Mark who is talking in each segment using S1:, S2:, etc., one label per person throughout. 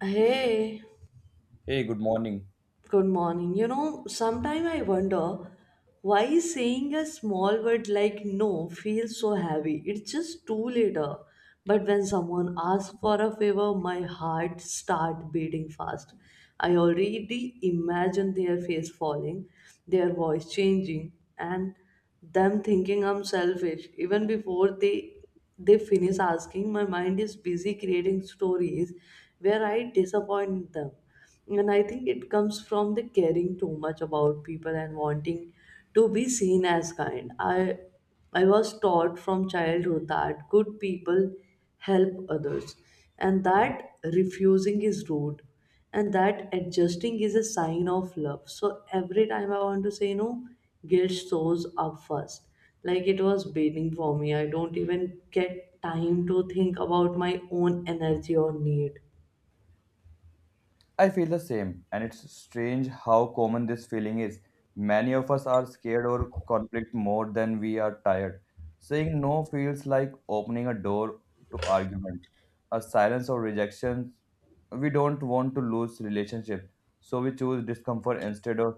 S1: Hey,
S2: Hey, good morning.
S1: good morning. You know, sometimes I wonder why saying a small word like no feels so heavy. It's just too later. But when someone asks for a favor, my heart start beating fast. I already imagine their face falling, their voice changing, and them thinking I'm selfish. Even before they finish asking, my mind is busy creating stories where I disappoint them, and I think it comes from the caring too much about people and wanting to be seen as kind. I was taught from childhood that good people help others, and that refusing is rude, and that adjusting is a sign of love. So every time I want to say no, guilt shows up first, like it was waiting for me. I don't even get time to think about my own energy or need.
S2: I feel the same, and it's strange how common this feeling is. Many of us are scared or conflict more than we are tired. Saying no feels like opening a door to argument, a silence or rejection. We don't want to lose relationship, so we choose discomfort instead of.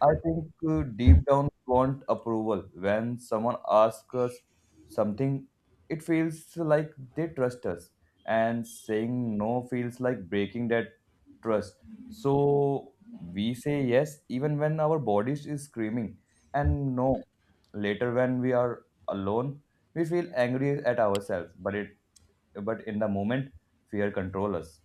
S2: I think deep down we want approval. When someone asks us something, it feels like they trust us, and saying no feels like breaking that trust. So we say yes even when our bodies is screaming and no later when we are alone we feel angry at ourselves but it but in the moment fear control us.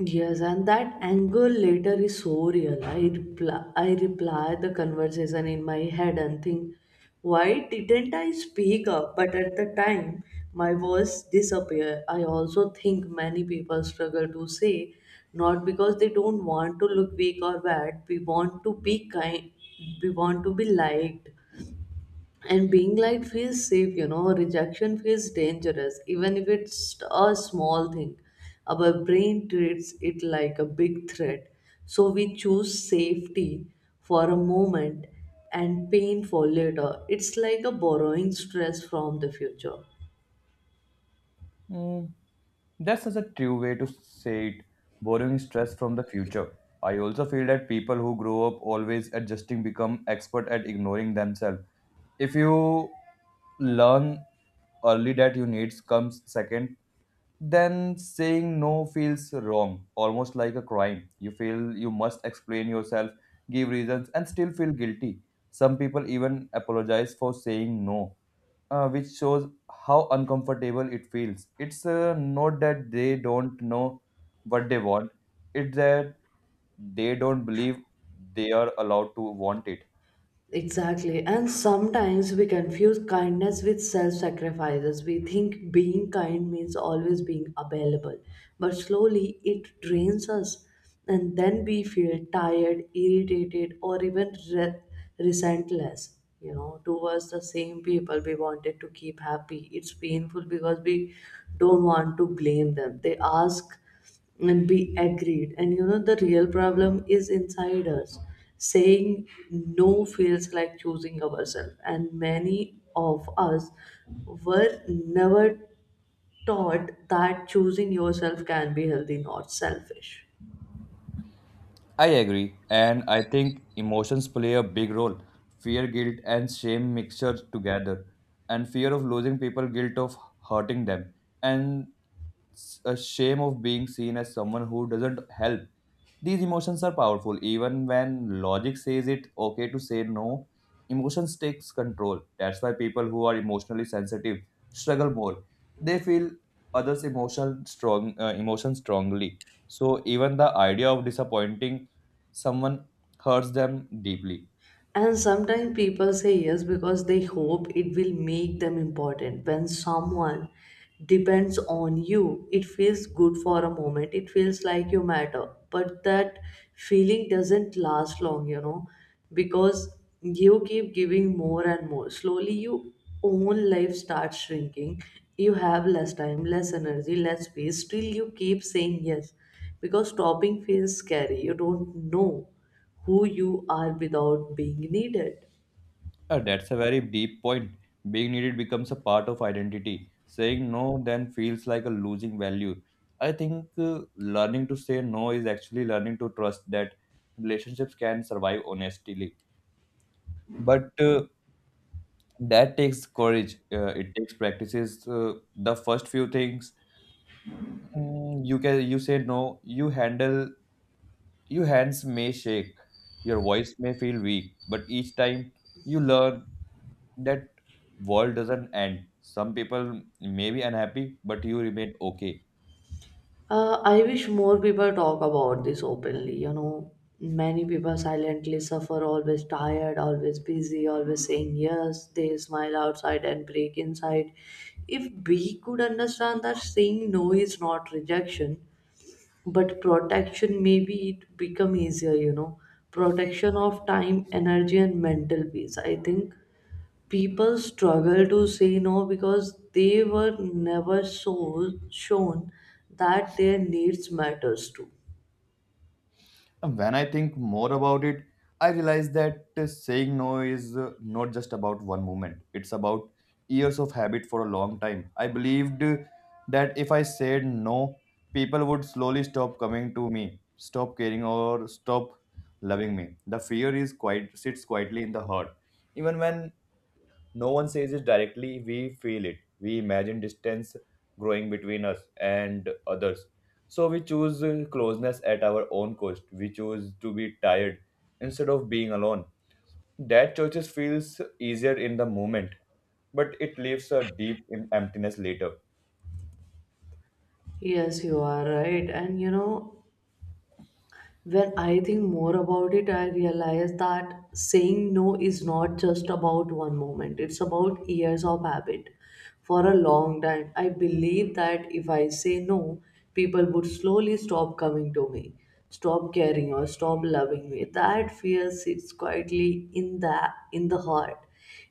S1: Yes, and that anger later is so real. I reply the conversation in my head and think, why didn't I speak up? But at the time, my voice disappear. I also think many people struggle to say, not because they don't want to look weak or bad. We want to be kind. We want to be liked, and being liked feels safe, you know. Rejection feels dangerous, even if it's a small thing. Our brain treats it like a big threat, so we choose safety for a moment and pain for later. It's like a borrowing stress from the future.
S2: Hmm, that's such a true way to say it borrowing stress from the future. I also feel that people who grow up always adjusting become expert at ignoring themselves. If you learn early that you needs comes second, then saying no feels wrong, almost like a crime. You feel you must explain yourself, give reasons, and still feel guilty. Some people even apologize for saying no, which shows how uncomfortable it feels. It's not that they don't know what they want, it's that they don't believe they are allowed to want it.
S1: Exactly. And sometimes we confuse kindness with self sacrifices. We think being kind means always being available, but slowly it drains us. And then we feel tired, irritated, or even resentless, you know, towards the same people we wanted to keep happy. It's painful because we don't want to blame them. They ask and be agreed, and you know, the real problem is inside us. Saying no feels like choosing ourselves, and many of us were never taught that choosing yourself can be healthy, not selfish.
S2: I agree, and I think emotions play a big role. Fear, guilt, and shame mixed together, and fear of losing people, guilt of hurting them, and a shame of being seen as someone who doesn't help. These emotions are powerful, even when logic says it okay to say no. Emotions takes control. That's why people who are emotionally sensitive struggle more. They feel others' emotions strongly. So even the idea of disappointing someone hurts them deeply.
S1: And sometimes people say yes because they hope it will make them important. When someone depends on you, it feels good for a moment. It feels like you matter. But that feeling doesn't last long, you know, because you keep giving more and more. Slowly, your own life starts shrinking. You have less time, less energy, less space. Still, you keep saying yes because stopping feels scary. You don't know who you are without being needed.
S2: That's a very deep point. Being needed becomes a part of identity. Saying no then feels like a losing value. I think learning to say no is actually learning to trust that relationships can survive honestly. But that takes courage. It takes practices. The first few things you can you say no. You handle your hands may shake, your voice may feel weak, but each time you learn that world doesn't end. Some people may be unhappy, but you remain okay.
S1: I wish more people talk about this openly. You know, many people silently suffer, always tired, always busy, always saying yes. They smile outside and break inside. If we could understand that saying no is not rejection, but protection, maybe it become easier. You know, protection of time, energy, and mental peace. I think people struggle to say no because they were never so shown that their needs matters too.
S2: And when I think more about it, I realize that saying no is not just about one moment. It's about years of habit for a long time. I believed that if I said no, people would slowly stop coming to me, stop caring, or stop loving me. The fear is quite sits quietly in the heart, even when no one says it directly, we feel it. We imagine distance growing between us and others. So we choose closeness at our own cost. We choose to be tired instead of being alone. That choices feels easier in the moment, but it leaves a deep emptiness later.
S1: Yes, you are right. And you know, when I think more about it, I realize that saying no is not just about one moment, it's about years of habit. For a long time, I believe that if I say no, people would slowly stop coming to me, stop caring, or stop loving me. That fear sits quietly in the heart.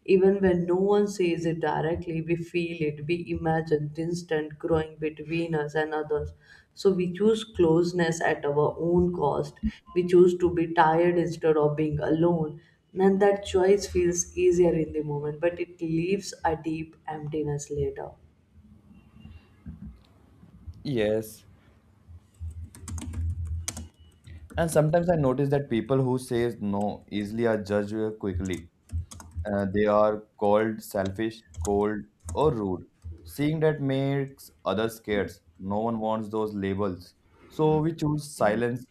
S1: Even when no one says it directly, we feel it. We imagine distant growing between us and others. So we choose closeness at our own cost. We choose to be tired instead of being alone. And that choice feels easier in the moment, but it leaves a deep emptiness later.
S2: Yes. And sometimes I notice that people who say no easily are judged quickly. They are called selfish, cold, or rude. Seeing that makes others scared. No one wants those labels. So we choose silence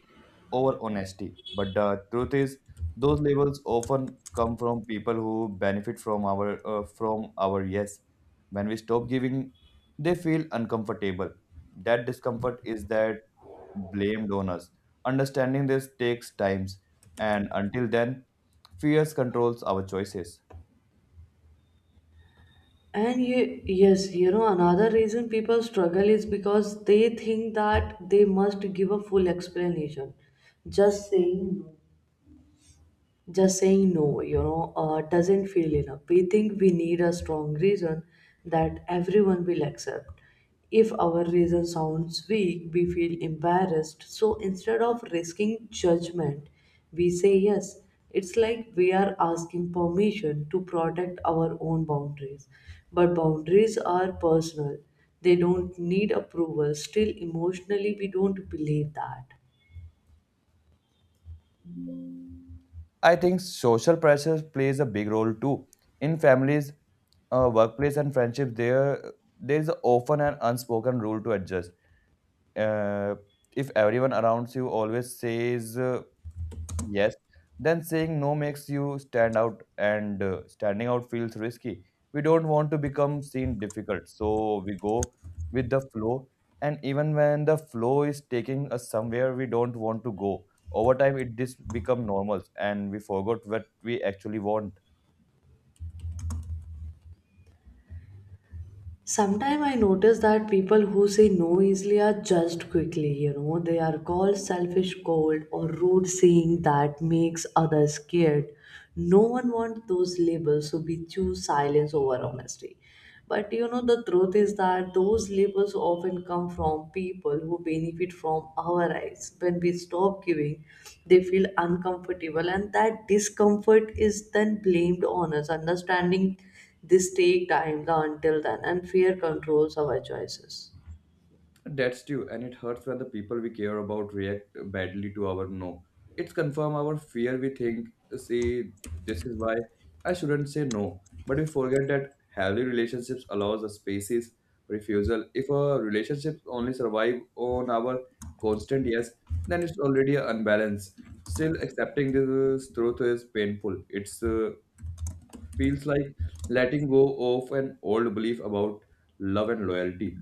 S2: over honesty. But the truth is, those labels often come from people who benefit from our from our yes. When we stop giving, they feel uncomfortable. That discomfort is that blamed on us. Understanding this takes times, and until then, fears controls our choices.
S1: And you, yes, you know, another reason people struggle is because they think that they must give a full explanation. Just saying no just saying no, you know, doesn't feel enough. We think we need a strong reason that everyone will accept. If our reason sounds weak, we feel embarrassed, so instead of risking judgment, we say yes. It's like we are asking permission to protect our own boundaries, but boundaries are personal. They don't need approval. Still, emotionally, we don't believe that.
S2: I think social pressure plays a big role too. In families, workplace, and friendships, there is often an unspoken rule to adjust. Uh, if everyone around you always says yes, then saying no makes you stand out, and standing out feels risky. We don't want to become seen difficult, so we go with the flow. And even when the flow is taking us somewhere we don't want to go, over time it just become normal, and we forgot what we actually want.
S1: Sometimes I notice that people who say no easily are judged quickly, you know. They are called selfish, cold, or rude. Saying that makes others scared. No one wants those labels, so we choose silence over honesty. But you know, the truth is that those labels often come from people who benefit from our eyes. When we stop giving, they feel uncomfortable, and that discomfort is then blamed on us. Understanding this take time the until then and fear controls our choices.
S2: That's true, and it hurts when the people we care about react badly to our no. It's confirm our fear we think, see, this is why I shouldn't say no. But we forget that healthy relationships allows a spaces refusal. If a relationship only survive on our constant yes, then it's already an unbalance. Still accepting this truth is painful. It's feels like letting go of an old belief about love and loyalty.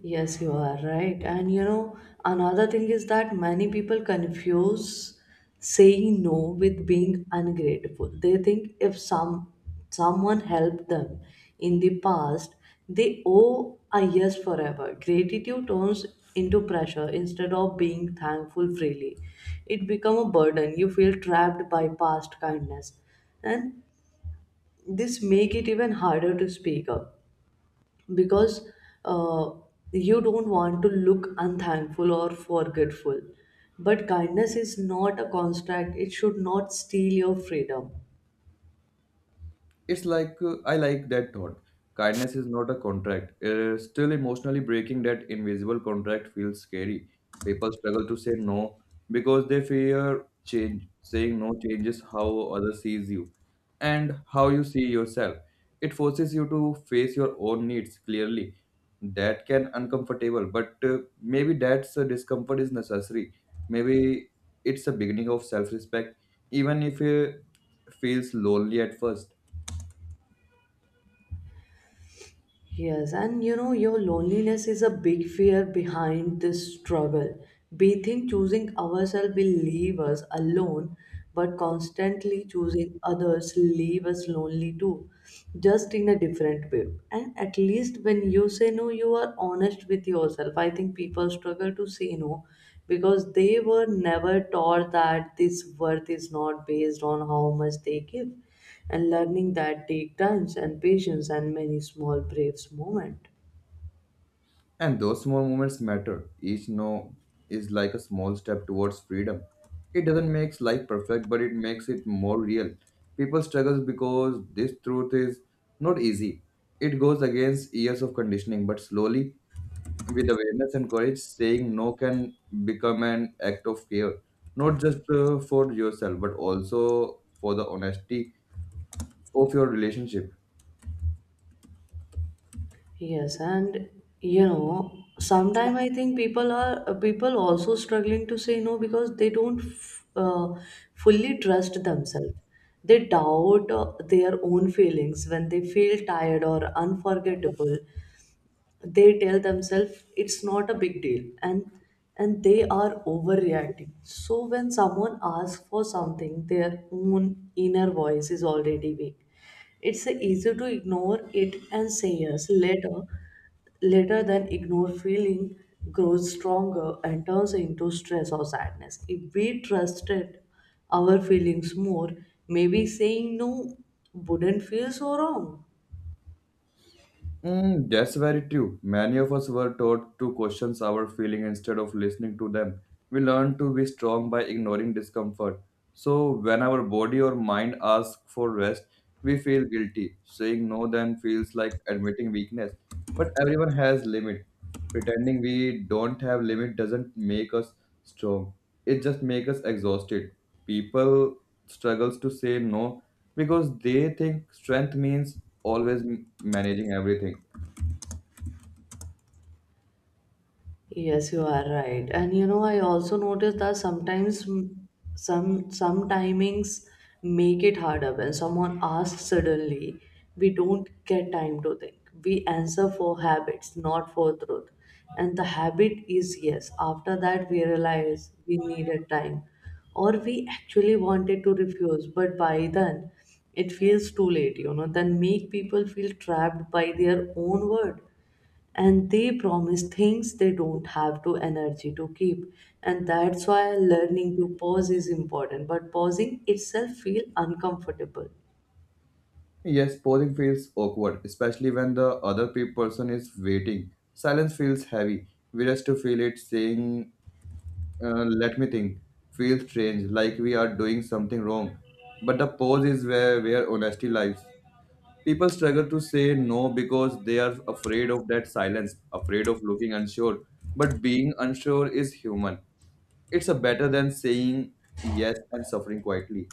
S1: Yes, you are right. And you know, another thing is that many people confuse saying no with being ungrateful. They think if someone helped them in the past, they owe a yes forever. Gratitude turns into pressure. Instead of being thankful freely, it becomes a burden. You feel trapped by past kindness. And this make it even harder to speak up because uh, you don't want to look unthankful or forgetful. But kindness is not a contract; it should not steal your freedom.
S2: It's like I like that thought. Kindness is not a contract. Still, emotionally breaking that invisible contract feels scary. People struggle to say no because they fear change. Saying no changes how others sees you and how you see yourself. It forces you to face your own needs clearly. That can uncomfortable, but maybe that's discomfort is necessary. Maybe it's a beginning of self-respect, even if it feels lonely at first.
S1: Yes, and you know, your loneliness is a big fear behind this struggle. We think choosing ourselves will leave us alone, but constantly choosing others leave us lonely too, just in a different way. And at least when you say no, you are honest with yourself. I think people struggle to say no because they were never taught that this worth is not based on how much they give, and learning that take times and patience and many small brave moments.
S2: And those small moments matter. Each no is like a small step towards freedom. It doesn't make life perfect, but it makes it more real. People struggle because this truth is not easy. It goes against years of conditioning, but slowly, with awareness and courage, saying no can become an act of care, not just for yourself, but also for the honesty of your relationship.
S1: Yes, and you know, sometimes I think people also struggling to say no because they don't fully trust themselves. They doubt their own feelings. When they feel tired or unforgettable, they tell themselves it's not a big deal and they are overreacting. So when someone asks for something, their own inner voice is already weak. It's easier to ignore it and say yes later. Later than ignore feeling grows stronger and turns into stress or sadness. If we trusted our feelings more, maybe saying no wouldn't feel so wrong.
S2: Mm, that's very true. Many of us were taught to question our feelings instead of listening to them. We learn to be strong by ignoring discomfort. So, when our body or mind asks for rest, we feel guilty. Saying no then feels like admitting weakness. But everyone has limit. Pretending we don't have limit doesn't make us strong. It just makes us exhausted. People struggles to say no because they think strength means always managing everything.
S1: Yes, you are right. And you know, I also noticed that sometimes some timings make it harder. When someone asks suddenly, we don't get time to think. We answer for habits, not for truth. And the habit is yes. After that we realize we needed time, or we actually wanted to refuse, but by then it feels too late, you know, then make people feel trapped by their own word, and they promise things they don't have to energy to keep. And that's why learning to pause is important, but pausing itself feel uncomfortable.
S2: Yes, posing feels awkward, especially when the other person is waiting. Silence feels heavy. We just to feel it saying, let me think, feels strange, like we are doing something wrong. But the pose is where honesty lies. People struggle to say no because they are afraid of that silence, afraid of looking unsure. But being unsure is human. It's a better than saying yes and suffering quietly.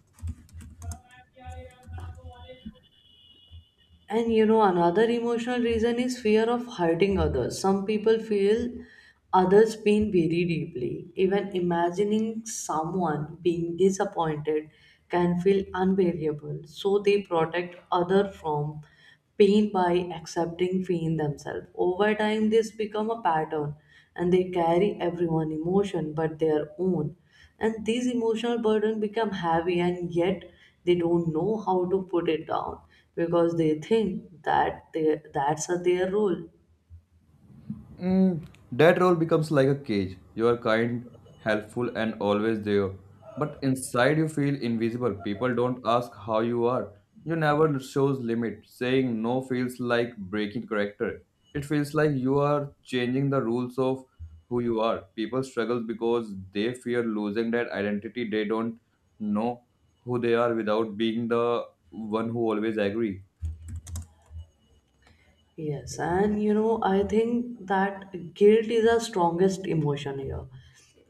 S1: And you know, another emotional reason is fear of hurting others. Some people feel others pain very deeply. Even imagining someone being disappointed can feel unbearable, so they protect other from pain by accepting pain themselves. Over time, this become a pattern, and they carry everyone emotion but their own. And these emotional burden become heavy, and yet they don't know how to put it down because they think that that's a their role.
S2: Mm, that role becomes like a cage. You are kind, helpful, and always there. But inside you feel invisible. People don't ask how you are. You never shows limit. Saying no feels like breaking character. It feels like you are changing the rules of who you are. People struggle because they fear losing that identity. They don't know who they are without being the one who always agree.
S1: Yes, and you know, I think that guilt is our strongest emotion here.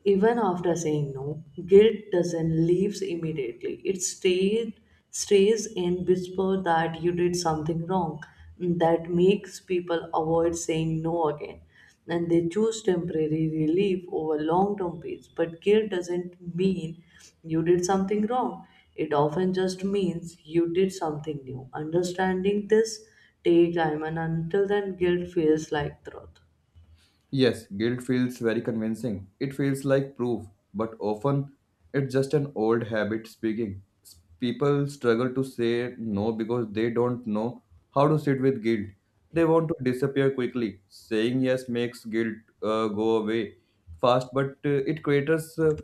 S1: Even after saying no, guilt doesn't leaves immediately. It stays in whisper that you did something wrong. That makes people avoid saying no again, and they choose temporary relief over long term peace. But guilt doesn't mean you did something wrong, it often just means you did something new. Understanding this take time, and until then, guilt feels like truth.
S2: Yes, guilt feels very convincing. It feels like proof, but often it's just an old habit speaking. People struggle to say no because they don't know how to sit with guilt. They want to disappear quickly. Saying yes makes guilt go away fast, but uh, it creates uh,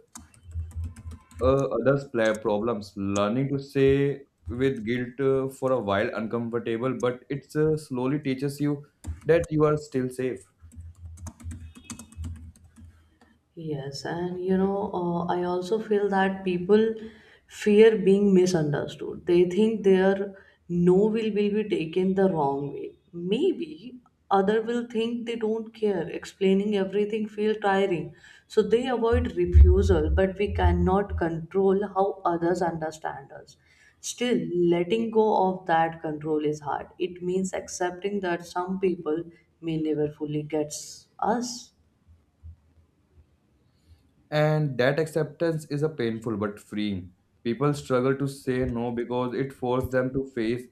S2: uh, others' problems. Learning to say with guilt for a while uncomfortable, but it slowly teaches you that you are still safe.
S1: Yes, and you know, I also feel that people fear being misunderstood. They think their no will be taken the wrong way. Maybe other will think they don't care. Explaining everything feel tiring, so they avoid refusal. But we cannot control how others understand us. Still, letting go of that control is hard. It means accepting that some people may never fully get us.
S2: And that acceptance is a painful but freeing. People struggle to say no because it forces them to face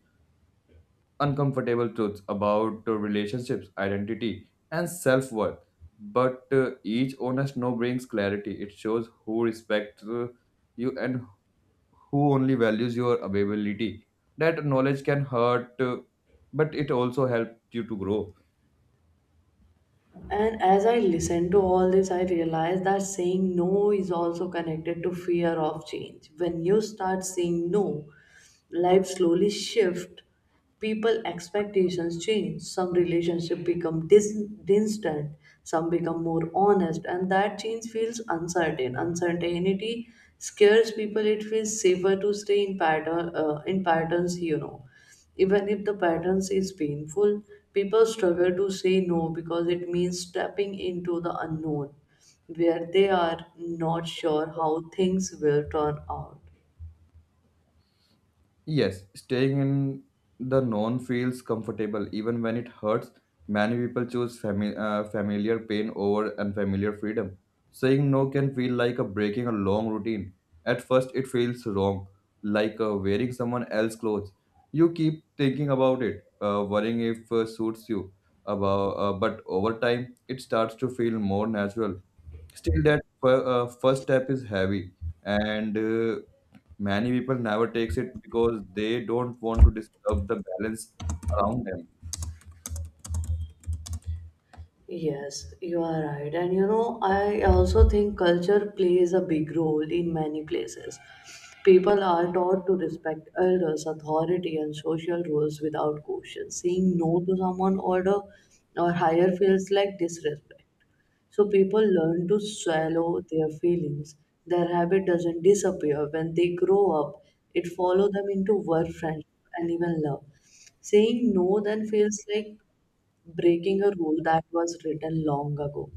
S2: uncomfortable truths about relationships, identity, and self worth. But each honest no brings clarity. It shows who respects you and who only values your availability. That knowledge can hurt, but it also helps you to grow.
S1: And as I listen to all this, I realize that saying no is also connected to fear of change. When you start saying no, life slowly shifts, people expectations change. Some relationships become distant, some become more honest, and that change feels uncertain. Uncertainty scares people. It feels safer to stay in patterns, you know. Even if the patterns is painful, people struggle to say no because it means stepping into the unknown, where they are not sure how things will turn out.
S2: Yes, staying in the known feels comfortable even when it hurts. Many people choose familiar pain over unfamiliar freedom. Saying no can feel like a breaking a long routine. At first, it feels wrong, like wearing someone else's clothes. You keep thinking about it, worrying if suits you. About, but over time, it starts to feel more natural still that first step is heavy and many people never takes it because they don't want to disturb the balance around them.
S1: Yes, you are right. And you know, I also think culture plays a big role in many places. People are taught to respect elders, authority, and social rules without question. Saying no to someone older or higher feels like disrespect. So people learn to swallow their feelings. Their habit doesn't disappear when they grow up. It follows them into work, friendship, and even love. Saying no then feels like breaking a rule that was written long ago.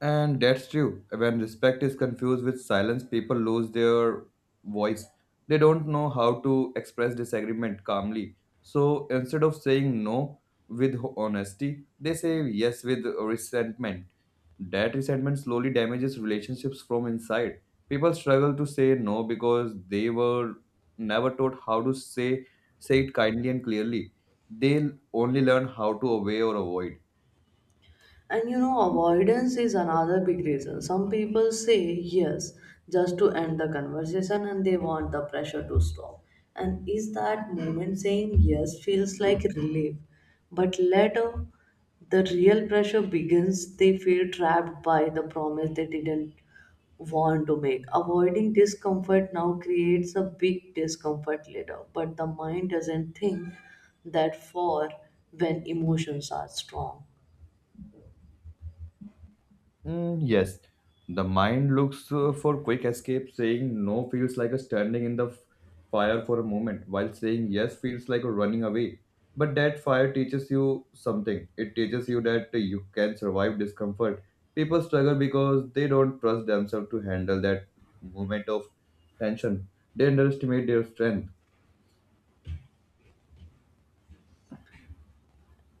S2: And that's true. When respect is confused with silence, people lose their voice. They don't know how to express disagreement calmly. So instead of saying no with honesty, they say yes with resentment. That resentment slowly damages relationships from inside. People struggle to say no because they were never taught how to say it kindly and clearly. They only learn how to obey or avoid.
S1: And you know, avoidance is another big reason. Some people say yes just to end the conversation and they want the pressure to stop. And is that moment saying yes feels like relief? But later, the real pressure begins, they feel trapped by the promise they didn't want to make. Avoiding discomfort now creates a big discomfort later, but the mind doesn't think that for when emotions are strong.
S2: Mm, yes, the mind looks for quick escape. Saying no feels like a standing in the fire for a moment, while saying yes feels like a running away. But that fire teaches you something. It teaches you that you can survive discomfort. People struggle because they don't trust themselves to handle that moment of tension. They underestimate their strength.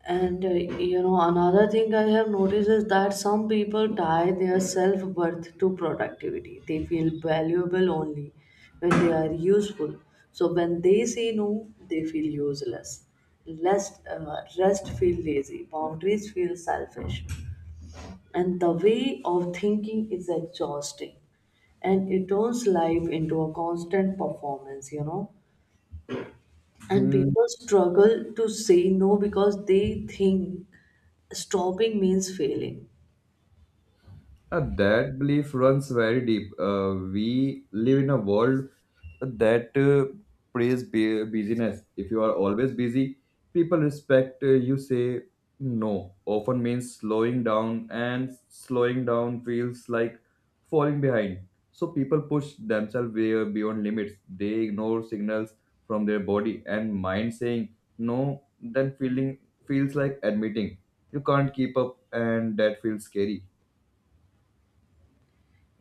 S1: Another thing I have noticed is that some people tie their self worth to productivity. They feel valuable only when they are useful. So when they say no, they feel useless. Less, rest feel lazy. Boundaries feel selfish, and the way of thinking is exhausting, and it turns life into a constant performance, and
S2: Hmm,
S1: people struggle to say no because they think stopping means failing.
S2: That belief runs very deep. We live in a world that praise busyness. If you are always busy, people respect you say no. Often means slowing down, and slowing down feels like falling behind. So people push themselves way beyond limits. They ignore signals from their body and mind saying no. Then feeling feels like admitting you can't keep up, and that feels scary.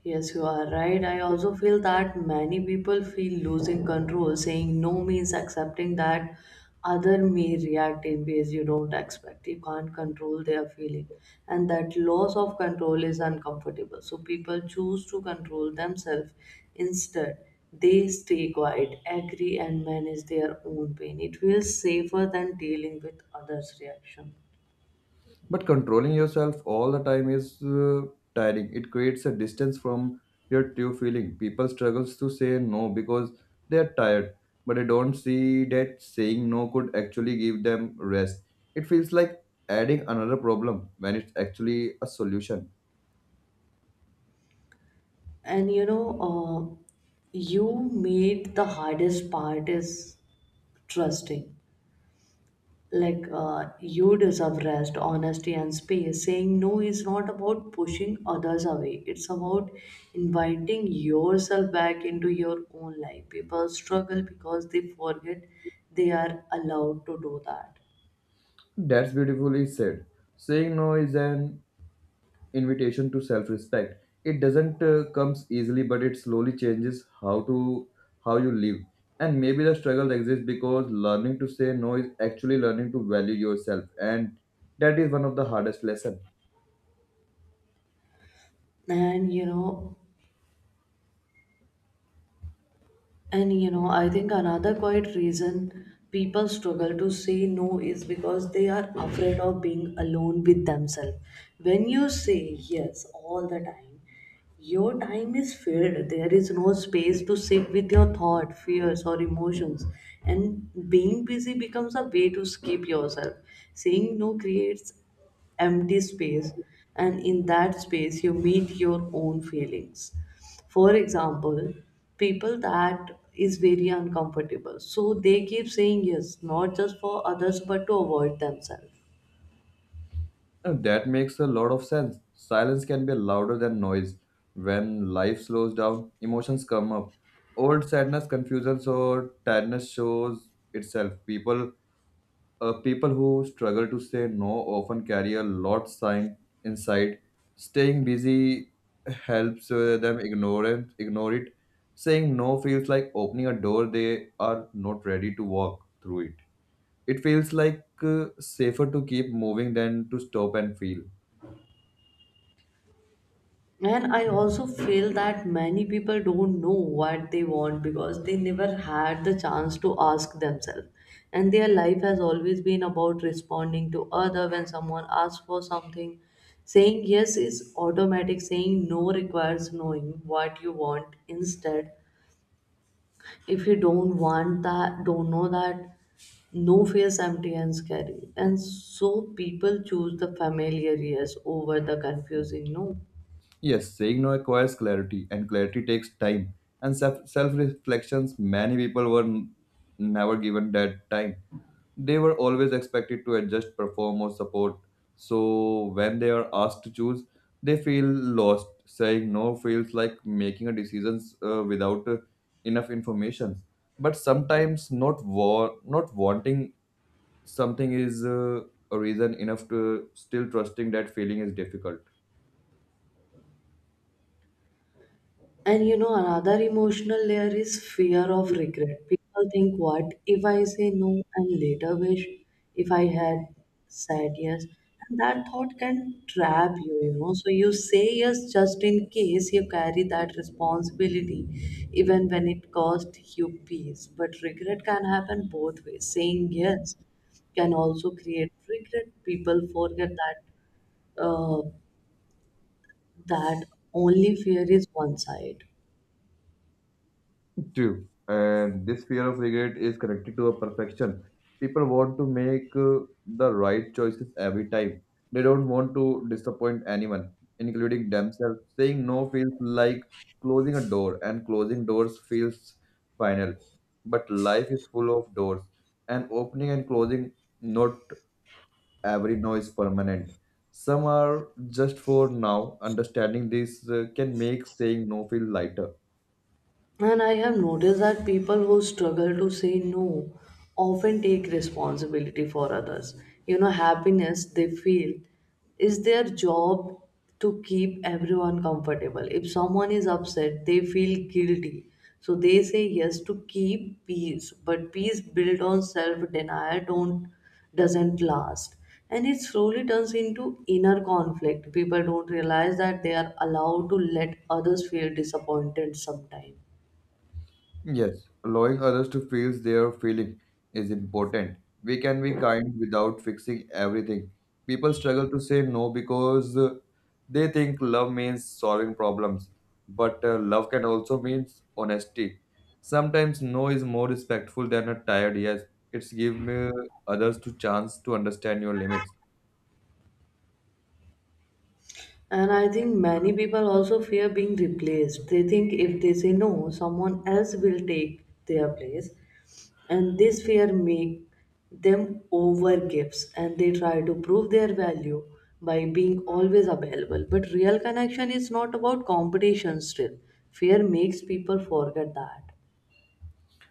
S1: Yes, you are right. I also feel that many people feel losing control. Saying no means accepting that other may react in ways you don't expect. You can't control their feeling. And that loss of control is uncomfortable. So people choose to control themselves. Instead, they stay quiet, agree, and manage their own pain. It feels safer than dealing with others' reaction.
S2: But controlling yourself all the time is tiring. It creates a distance from your true feeling. People struggles to say no because they are tired, but they don't see that saying no could actually give them rest. It feels like adding another problem when it's actually a solution.
S1: And you know, uh, you made the hardest part is trusting. You deserve rest, honesty, and space. Saying no is not about pushing others away, it's about inviting yourself back into your own life. People struggle because they forget they are allowed to do that.
S2: That's beautifully said. Saying no is an invitation to self-respect. It doesn't comes easily, but it slowly changes how you live. And maybe the struggle exists because learning to say no is actually learning to value yourself, and that is one of the hardest lessons.
S1: And you know, I think another quite reason people struggle to say no is because they are afraid of being alone with themselves. When you say yes all the time, your time is filled. There is no space to sit with your thought, fears, or emotions. And being busy becomes a way to skip yourself. Saying no creates empty space, and in that space you meet your own feelings. For example, people that is very uncomfortable, so they keep saying yes not just for others but to avoid themselves.
S2: And that makes a lot of sense. Silence can be louder than noise. When life slows down, emotions come up. Old sadness, confusion, or tiredness shows itself. People who struggle to say no often carry a lot sign inside. Staying busy helps them ignore it. Saying no feels like opening a door they are not ready to walk through it. It feels like safer to keep moving than to stop and feel.
S1: And I also feel that many people don't know what they want because they never had the chance to ask themselves. And their life has always been about responding to other when someone asks for something. Saying yes is automatic, saying no requires knowing what you want instead. If you don't want that, don't know that, no feels empty and scary. And so people choose the familiar yes over the confusing no.
S2: Yes, saying no requires clarity, and clarity takes time and self reflections. Many people never given that time. They were always expected to adjust, perform, or support. So when they are asked to choose, they feel lost. Saying no feels like making a decisions without enough information. But sometimes not wanting something is a reason enough to still trusting that feeling is difficult.
S1: Another emotional layer is fear of regret. People think, what if I say no and later wish if I had said yes? And that thought can trap you, you know. So you say yes just in case you carry that responsibility, even when it cost you peace. But regret can happen both ways. Saying yes can also create regret. People forget that uh, that only fear is one side.
S2: True. And this fear of regret is connected to a perfection. People want to make the right choices every time. They don't want to disappoint anyone, including themselves. Saying no feels like closing a door, and closing doors feels final. But life is full of doors, and opening and closing, not every no is permanent. Some are just for now. Understanding this can make saying no feel lighter.
S1: And I have noticed that people who struggle to say no often take responsibility for others. You know, happiness they feel is their job to keep everyone comfortable. If someone is upset, they feel guilty. So they say yes to keep peace, but peace built on self-denial don't doesn't last. And it slowly turns into inner conflict. People don't realize that they are allowed to let others feel disappointed sometimes.
S2: Yes, allowing others to feel their feeling is important. We can be kind without fixing everything. People struggle to say no because they think love means solving problems, but love can also mean honesty. Sometimes no is more respectful than a tired yes. It's give me others to chance to understand your limits.
S1: And I think many people also fear being replaced. They think if they say no, someone else will take their place. And this fear make them over, and they try to prove their value by being always available. But real connection is not about competition still. Fear makes people forget that.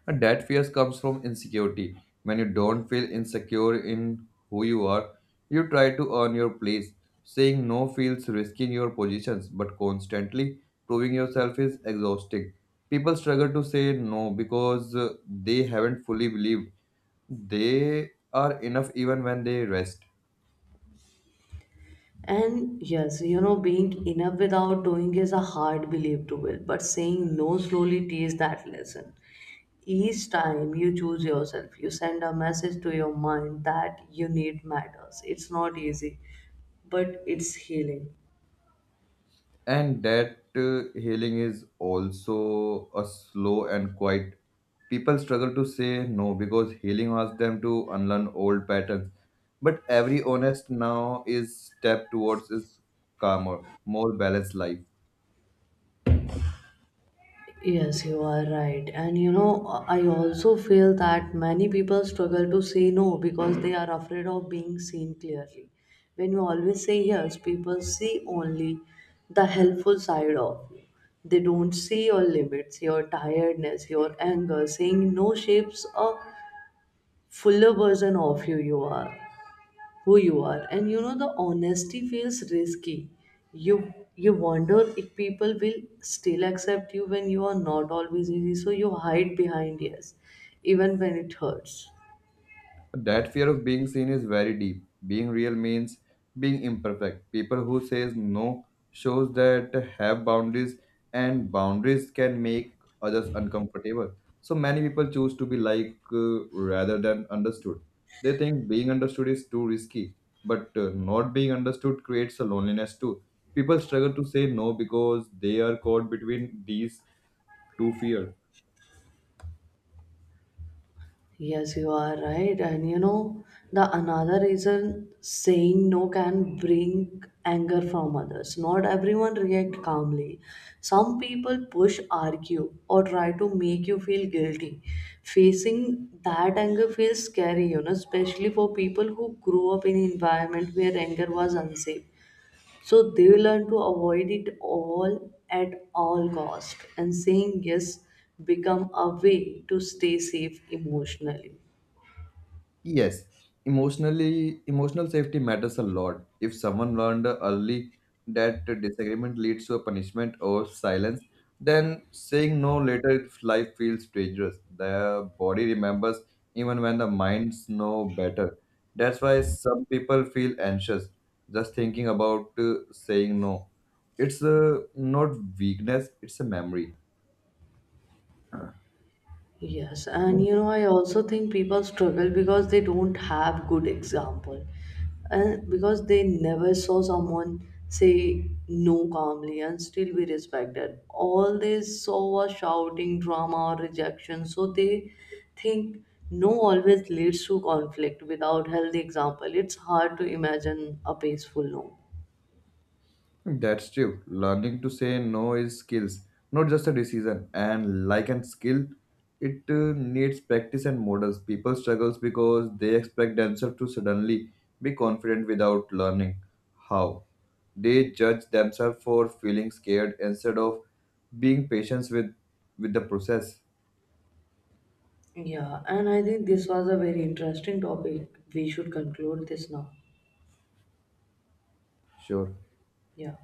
S2: And that fear comes from insecurity. When you don't feel insecure in who you are, you try to earn your place. Saying no feels risking your positions, but constantly proving yourself is exhausting. People struggle to say no because they haven't fully believed they are enough even when they rest.
S1: And yes, you know, being enough without doing is a hard belief to build, but saying no slowly teaches that lesson. Each time you choose yourself, you send a message to your mind that you need matters. It's not easy, but it's healing.
S2: And that healing is also a slow and quiet people struggle to say no because healing asks them to unlearn old patterns, but every honest now is step towards is calmer, more balanced life.
S1: Yes, you are right. And you know, I also feel that many people struggle to say no because they are afraid of being seen clearly. When you always say yes, people see only the helpful side of you. They don't see your limits, your tiredness, your anger. Saying no shapes a fuller version of you you are. Who you are, and you know the honesty feels risky. You you wonder if people will still accept you when you are not always easy, so you hide behind yes even when it hurts.
S2: That fear of being seen is very deep. Being real means being imperfect. People who says no shows that have boundaries, and boundaries can make others uncomfortable. So many people choose to be like rather than understood. They think being understood is too risky, but not being understood creates a loneliness too. People struggle to say no because they are caught between these two fears.
S1: Yes, you are right. And you know, the another reason saying no can bring anger from others. Not everyone react calmly. Some people push, argue, or try to make you feel guilty. Facing that anger feels scary, you know, especially for people who grew up in environment where anger was unsafe. So they learn to avoid it all at all cost. And saying yes become a way to stay safe emotionally.
S2: Yes, emotional safety matters a lot. If someone learned early that disagreement leads to a punishment or silence, then saying no later if life feels dangerous. The body remembers even when the minds know better. That's why some people feel anxious just thinking about saying no. It's not weakness, it's a memory.
S1: Yes, and you know, I also think people struggle because they don't have good example, and because they never saw someone say no calmly and still be respected. All they saw was shouting, drama, or rejection. So they think no always leads to conflict. Without healthy example, it's hard to imagine a peaceful no.
S2: That's true. Learning to say no is skills, not just a decision. And like an skill, it needs practice and models. People struggles because they expect themselves to suddenly be confident without learning how. They judge themselves for feeling scared instead of being patient with the process.
S1: Yeah, and I think this was a very interesting topic. We should conclude this now.
S2: Sure.
S1: Yeah.